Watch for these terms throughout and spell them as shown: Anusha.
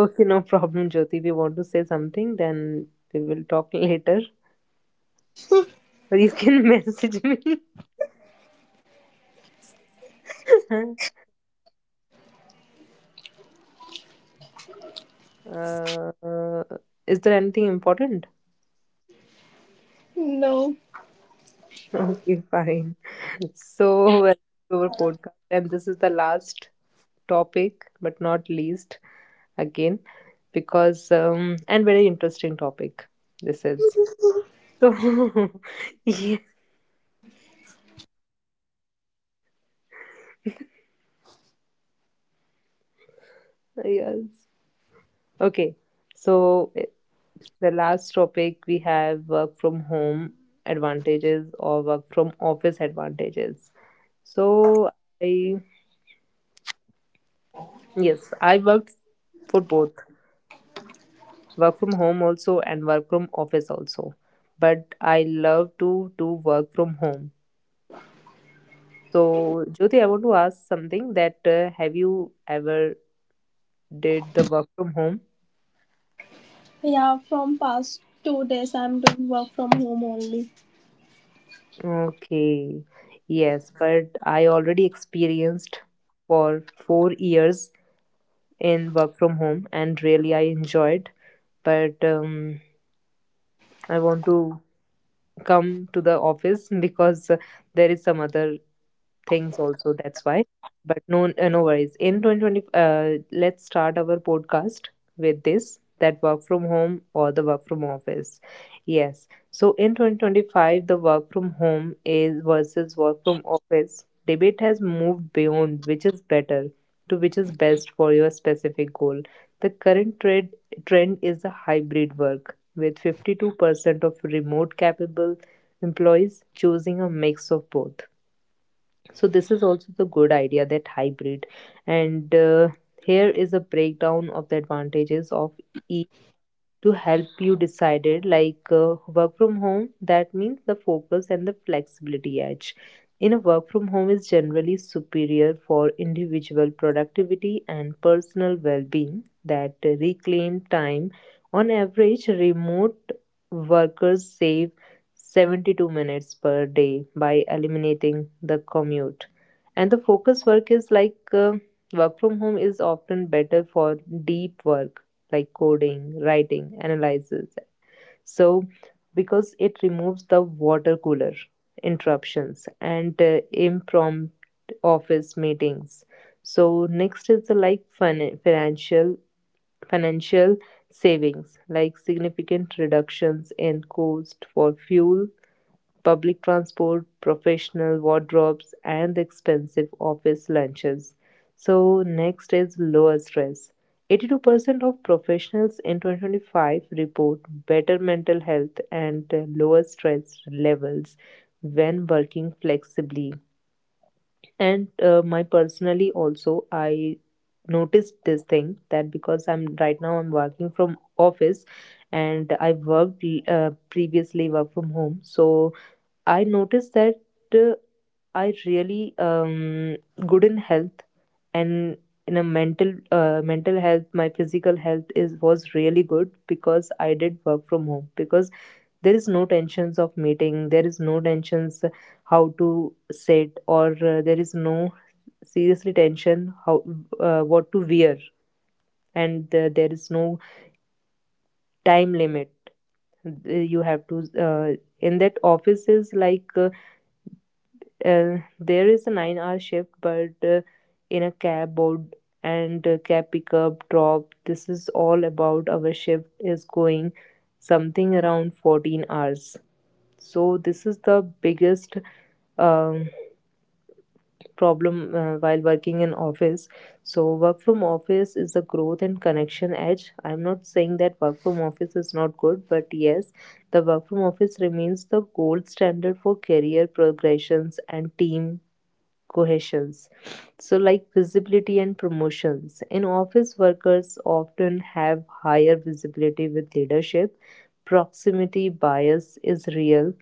Okay no problem Jyoti, if you want to say something then we will talk later, or you can message me. uh, is there anything important? No. Okay, fine. So welcome to our podcast, and this is the last topic but not least again, because and very interesting topic this is. So yes, yes, okay. So the last topic we have: work from home advantages or work from office advantages. So I yes, I worked for both work from home also and work from office also. But I love to do work from home. So Jyoti, I want to ask something, that have you ever did the work from home? Yeah, from past 2 days I'm doing work from home only. Okay. Yes, but I already experienced for 4 years in work from home, and really I enjoyed. But I want to come to the office, because there is some other things also, that's why. But no, no worries. In 2020, let's start our podcast with this, that work from home or the work from office. Yes, so in 2025 the work from home is versus work from office debate has moved beyond which is better to which is best for your specific goal. The current trend is the hybrid work, with 52% of remote capable employees choosing a mix of both. So this is also the good idea, that hybrid. And here is a breakdown of the advantages, of to help you decided, like work from home, that means the focus and the flexibility edge in a work from home is generally superior for individual productivity and personal well-being. That reclaim time: on average remote workers save 72 minutes per day by eliminating the commute. And the focus work is like work from home is often better for deep work, like coding, writing, analysis. So, because it removes the water cooler interruptions and impromptu office meetings. So, next is the like financial savings, like significant reductions in cost for fuel, public transport, professional wardrobes, and the expensive office lunches. So, next is lower stress. 82% of professionals in 2025 report better mental health and lower stress levels when working flexibly. And my personally also, I noticed this thing, that because I'm right now I'm working from office and I worked previously work from home. So I noticed that uh, I really good in health and in a mental mental health. My physical health is was really good because I did work from home, because there is no tensions of meeting, there is no tensions how to sit, or there is no seriously tension how what to wear, and there is no time limit you have to uh, in that office is like there is a 9 hour shift, but in a cab board, and cab pickup drop, this is all about. Our shift is going something around 14 hours. So this is the biggest um, problem while working in office. So work from office is the growth and connection edge. I'm not saying that work from office is not good, but yes, the work from office remains the gold standard for career progressions and team cohesions. So, like visibility and promotions. In office, workers often have higher visibility with leadership. Proximity bias is real.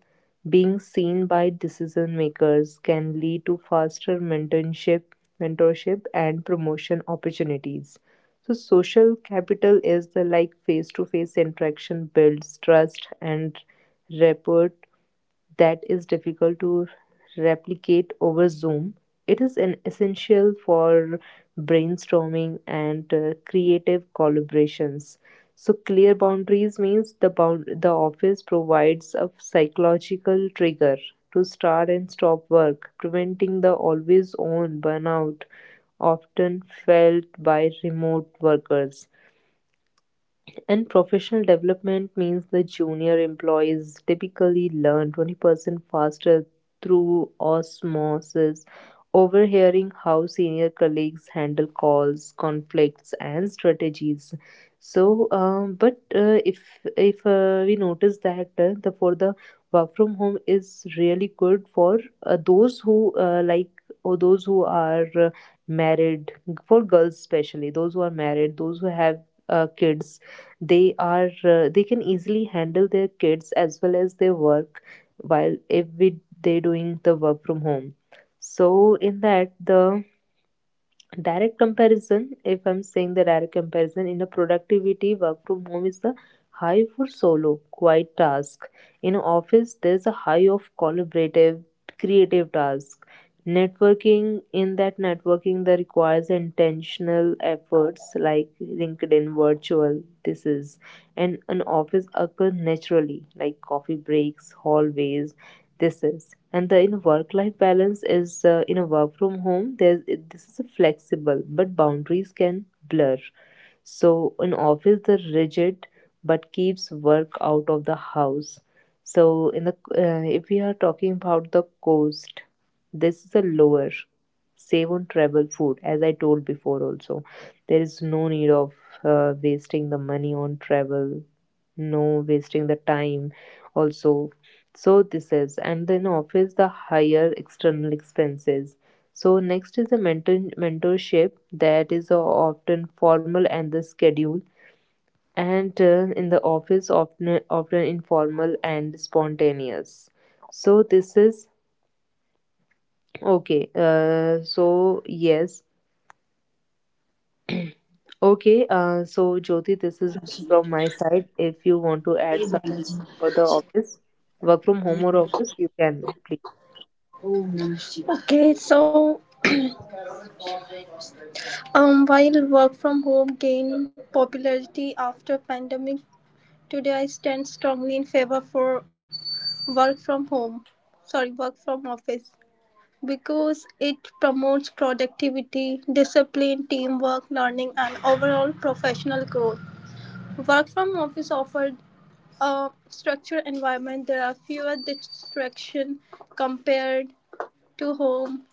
Being seen by decision makers can lead to faster mentorship and promotion opportunities. So, social capital is the like face to face interaction builds trust and rapport that is difficult to replicate over Zoom. It is an essential for brainstorming and creative collaborations. So clear boundaries means the bound the office provides a psychological trigger to start and stop work, preventing the always on burnout often felt by remote workers. And professional development means the junior employees typically learn 20% faster through osmosis, overhearing how senior colleagues handle calls, conflicts, and strategies. So, but if we notice that the for the work from home is really good for those who like, or those who are married, for girls especially, those who are married, those who have kids, they are they can easily handle their kids as well as their work while if we, they doing the work from home. So in that the direct comparison if I'm saying the direct comparison in a productivity work from home is the high for solo quiet task. In a office there's a high of collaborative creative task. Networking, in that networking that requires intentional efforts like LinkedIn virtual, this is, and an office occur naturally like coffee breaks, hallways, this is. And the in work life balance is in a work from home there's this is a flexible but boundaries can blur. So in office the rigid but keeps work out of the house. So in the if we are talking about the cost, this is a lower, save on travel food, as I told before also. There is no need of wasting the money on travel, no wasting the time also. So this is, and then office the higher external expenses. So next is the mentorship that is often formal and the schedule, and in the office often informal and spontaneous. So this is. Okay, so yes. Okay, so Jyoti, this is from my side. If you want to add something for the office, work from home or office, you can please. Okay, so while work from home gained popularity after pandemic, today I stand strongly in favor for work from home. Sorry, work from office. Because it promotes productivity, discipline, teamwork, learning, and overall professional growth. Work from office offered a structured environment. There are fewer distractions compared to home,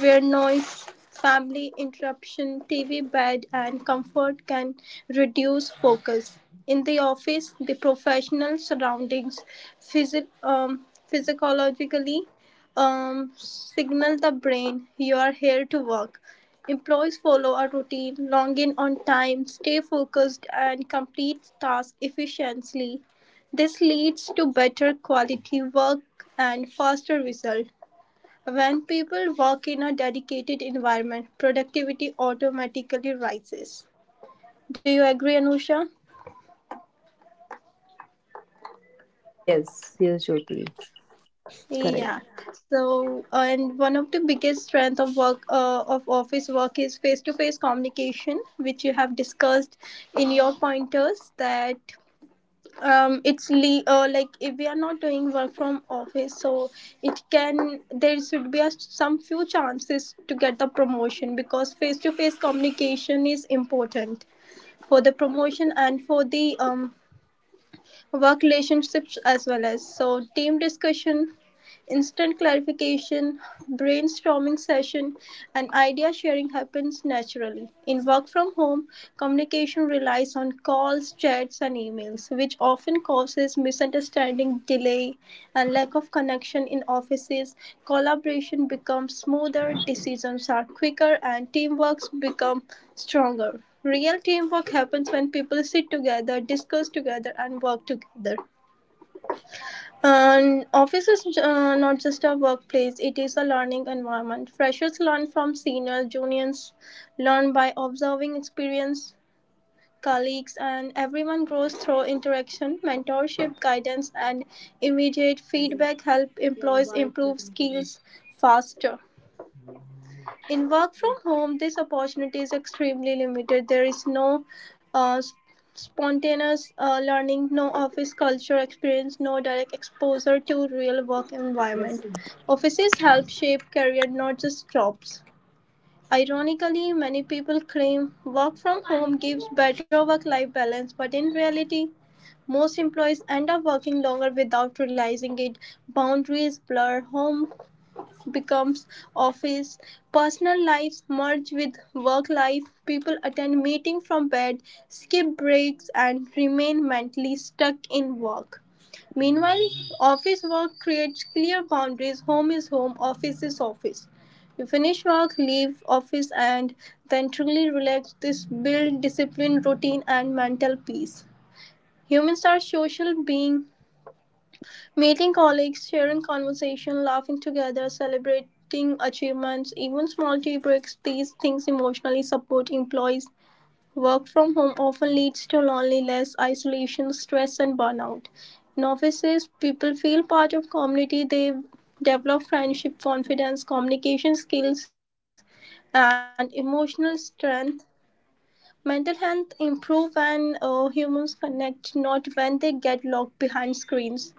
where noise, family interruption, TV bed, and comfort can reduce focus. In the office, the professional surroundings physi- um, physiologically signal the brain you are here to work. Employees follow a routine, log in on time, stay focused, and complete tasks efficiently. This leads to better quality work and faster result. When people work in a dedicated environment, productivity automatically rises. Do you agree, Anusha? Yes, yes, Jyoti, Yeah. correct. So, and one of the biggest strength of work of office work is face-to-face communication, which you have discussed in your pointers that it's like if we are not doing work from office, so it can there should be a, some few chances to get the promotion because face-to-face communication is important for the promotion and for the work relationships as well as so team discussion instant clarification, brainstorming session, and idea sharing happens naturally. In work from home, communication relies on calls, chats, and emails, which often causes misunderstanding, delay, and lack of connection in offices. Collaboration becomes smoother, decisions are quicker, and teamworks become stronger. Real teamwork happens when people sit together, discuss together, and work together. And office is not just a workplace, it is a learning environment. Freshers learn from seniors, juniors learn by observing experience, colleagues, and everyone grows through interaction, mentorship, guidance, and immediate feedback help employees improve skills faster in work from home this opportunity is extremely limited. There is no s- spontaneous learning, no office culture experience, no direct exposure to real work environment. Offices help shape career, not just jobs. Ironically, many people claim work from home gives better work life balance, but in reality most employees end up working longer without realizing it. Boundaries blur, home becomes office, personal lives merge with work life, people attend meetings from bed, skip breaks, and remain mentally stuck in work. Meanwhile, office work creates clear boundaries. Home is home, office is office. You finish work, leave office, and then truly relax. This builds discipline, routine, and mental peace. Humans are social beings. Meeting colleagues, sharing conversation, laughing together, celebrating achievements, even small tea breaks, these things emotionally support employees. Work from home often leads to loneliness, isolation, stress, and burnout. In offices, people feel part of community. They develop friendship, confidence, communication skills, and emotional strength. Mental health improve when humans connect, not when they get locked behind screens.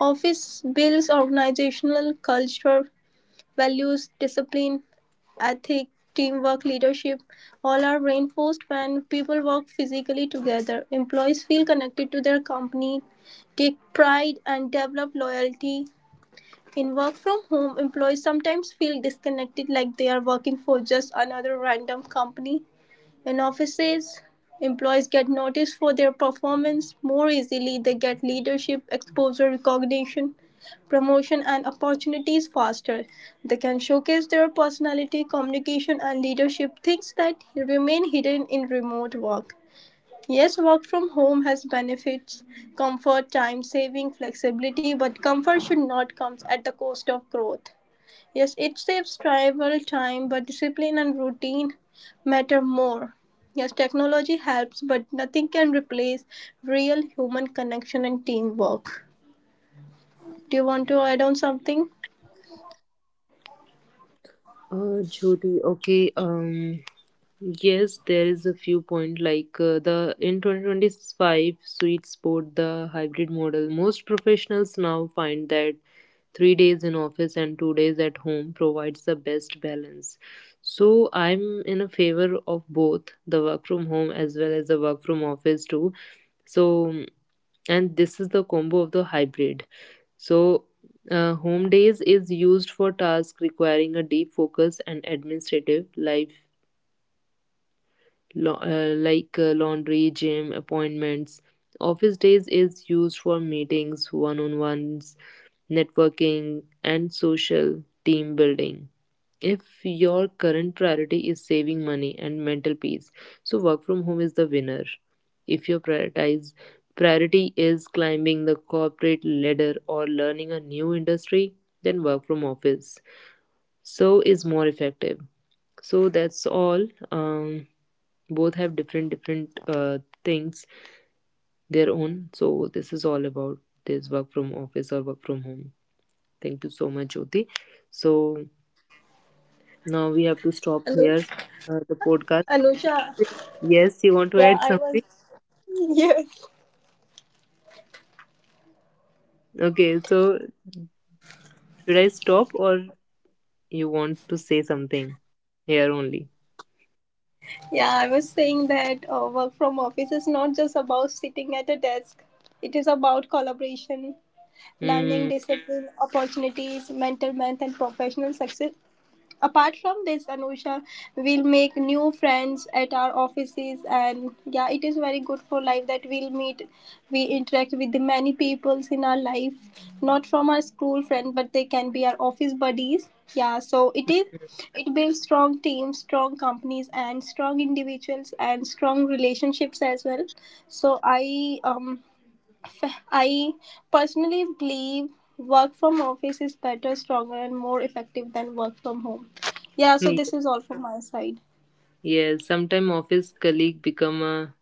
Office builds organizational culture, values, discipline, ethic, teamwork, leadership. All are reinforced when people work physically together. Employees feel connected to their company, take pride, and develop loyalty. In work from home, employees sometimes feel disconnected, like they are working for just another random company. In offices, employees get noticed for their performance more easily, they get leadership, exposure, recognition, promotion, and opportunities faster. They can showcase their personality, communication, and leadership, things that remain hidden in remote work. Yes, work from home has benefits, comfort, time saving, flexibility, but comfort should not come at the cost of growth. Yes, it saves travel time, but discipline and routine matter more. Yes, technology helps, but nothing can replace real human connection and teamwork. Do you want to add on something? Jyoti, okay. Yes, there is a few point, like the in 2025 sweet spot the hybrid model. Most professionals now find that 3 days in office and 2 days at home provides the best balance. So I'm in a favor of both the work from home as well as the work from office too. So and this is the combo of the hybrid. So, home days is used for tasks requiring a deep focus and administrative life, like laundry, gym, appointments. Office days is used for meetings, one on ones, networking, and social team building. If your current priority is saving money and mental peace, so work from home is the winner. If your prioritize priority is climbing the corporate ladder or learning a new industry, then work from office. So is more effective. So that's all. Both have different things their own. So this is all about this work from office or work from home. Thank you so much, Jyoti. So now we have to stop here the podcast. Anusha, Yes, you want to add something? yes. Okay, so should I stop, or you want to say something here only? Yeah, I was saying that work from office is not just about sitting at a desk. It is about collaboration, learning, Mm. discipline, opportunities, mental health, and professional success. Apart from this, Anusha, we'll make new friends at our offices, and yeah, it is very good for life that we'll meet. We interact with the many peoples in our life, not from our school friend, but they can be our office buddies. Yeah, so it is, it builds strong teams, strong companies, and strong individuals and strong relationships as well. So um I personally believe work from office is better, stronger, and more effective than work from home. Yeah, so Yes, this is all from my side. yes. Sometimes office colleague become a,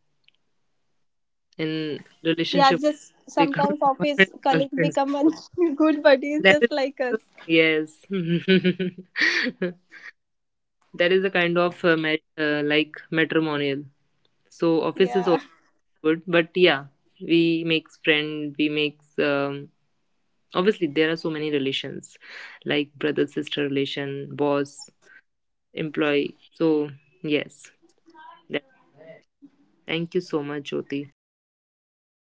in Yeah, just relationship, sometimes office become colleagues boyfriend become girlfriends also. good buddies just That like is us. also yes. That is a kind of like matrimonial. So office is Yeah, also good, but yeah, we makes obviously there are so many relations, like brother sister relation, boss employee, so yes, that, thank you so much jyoti.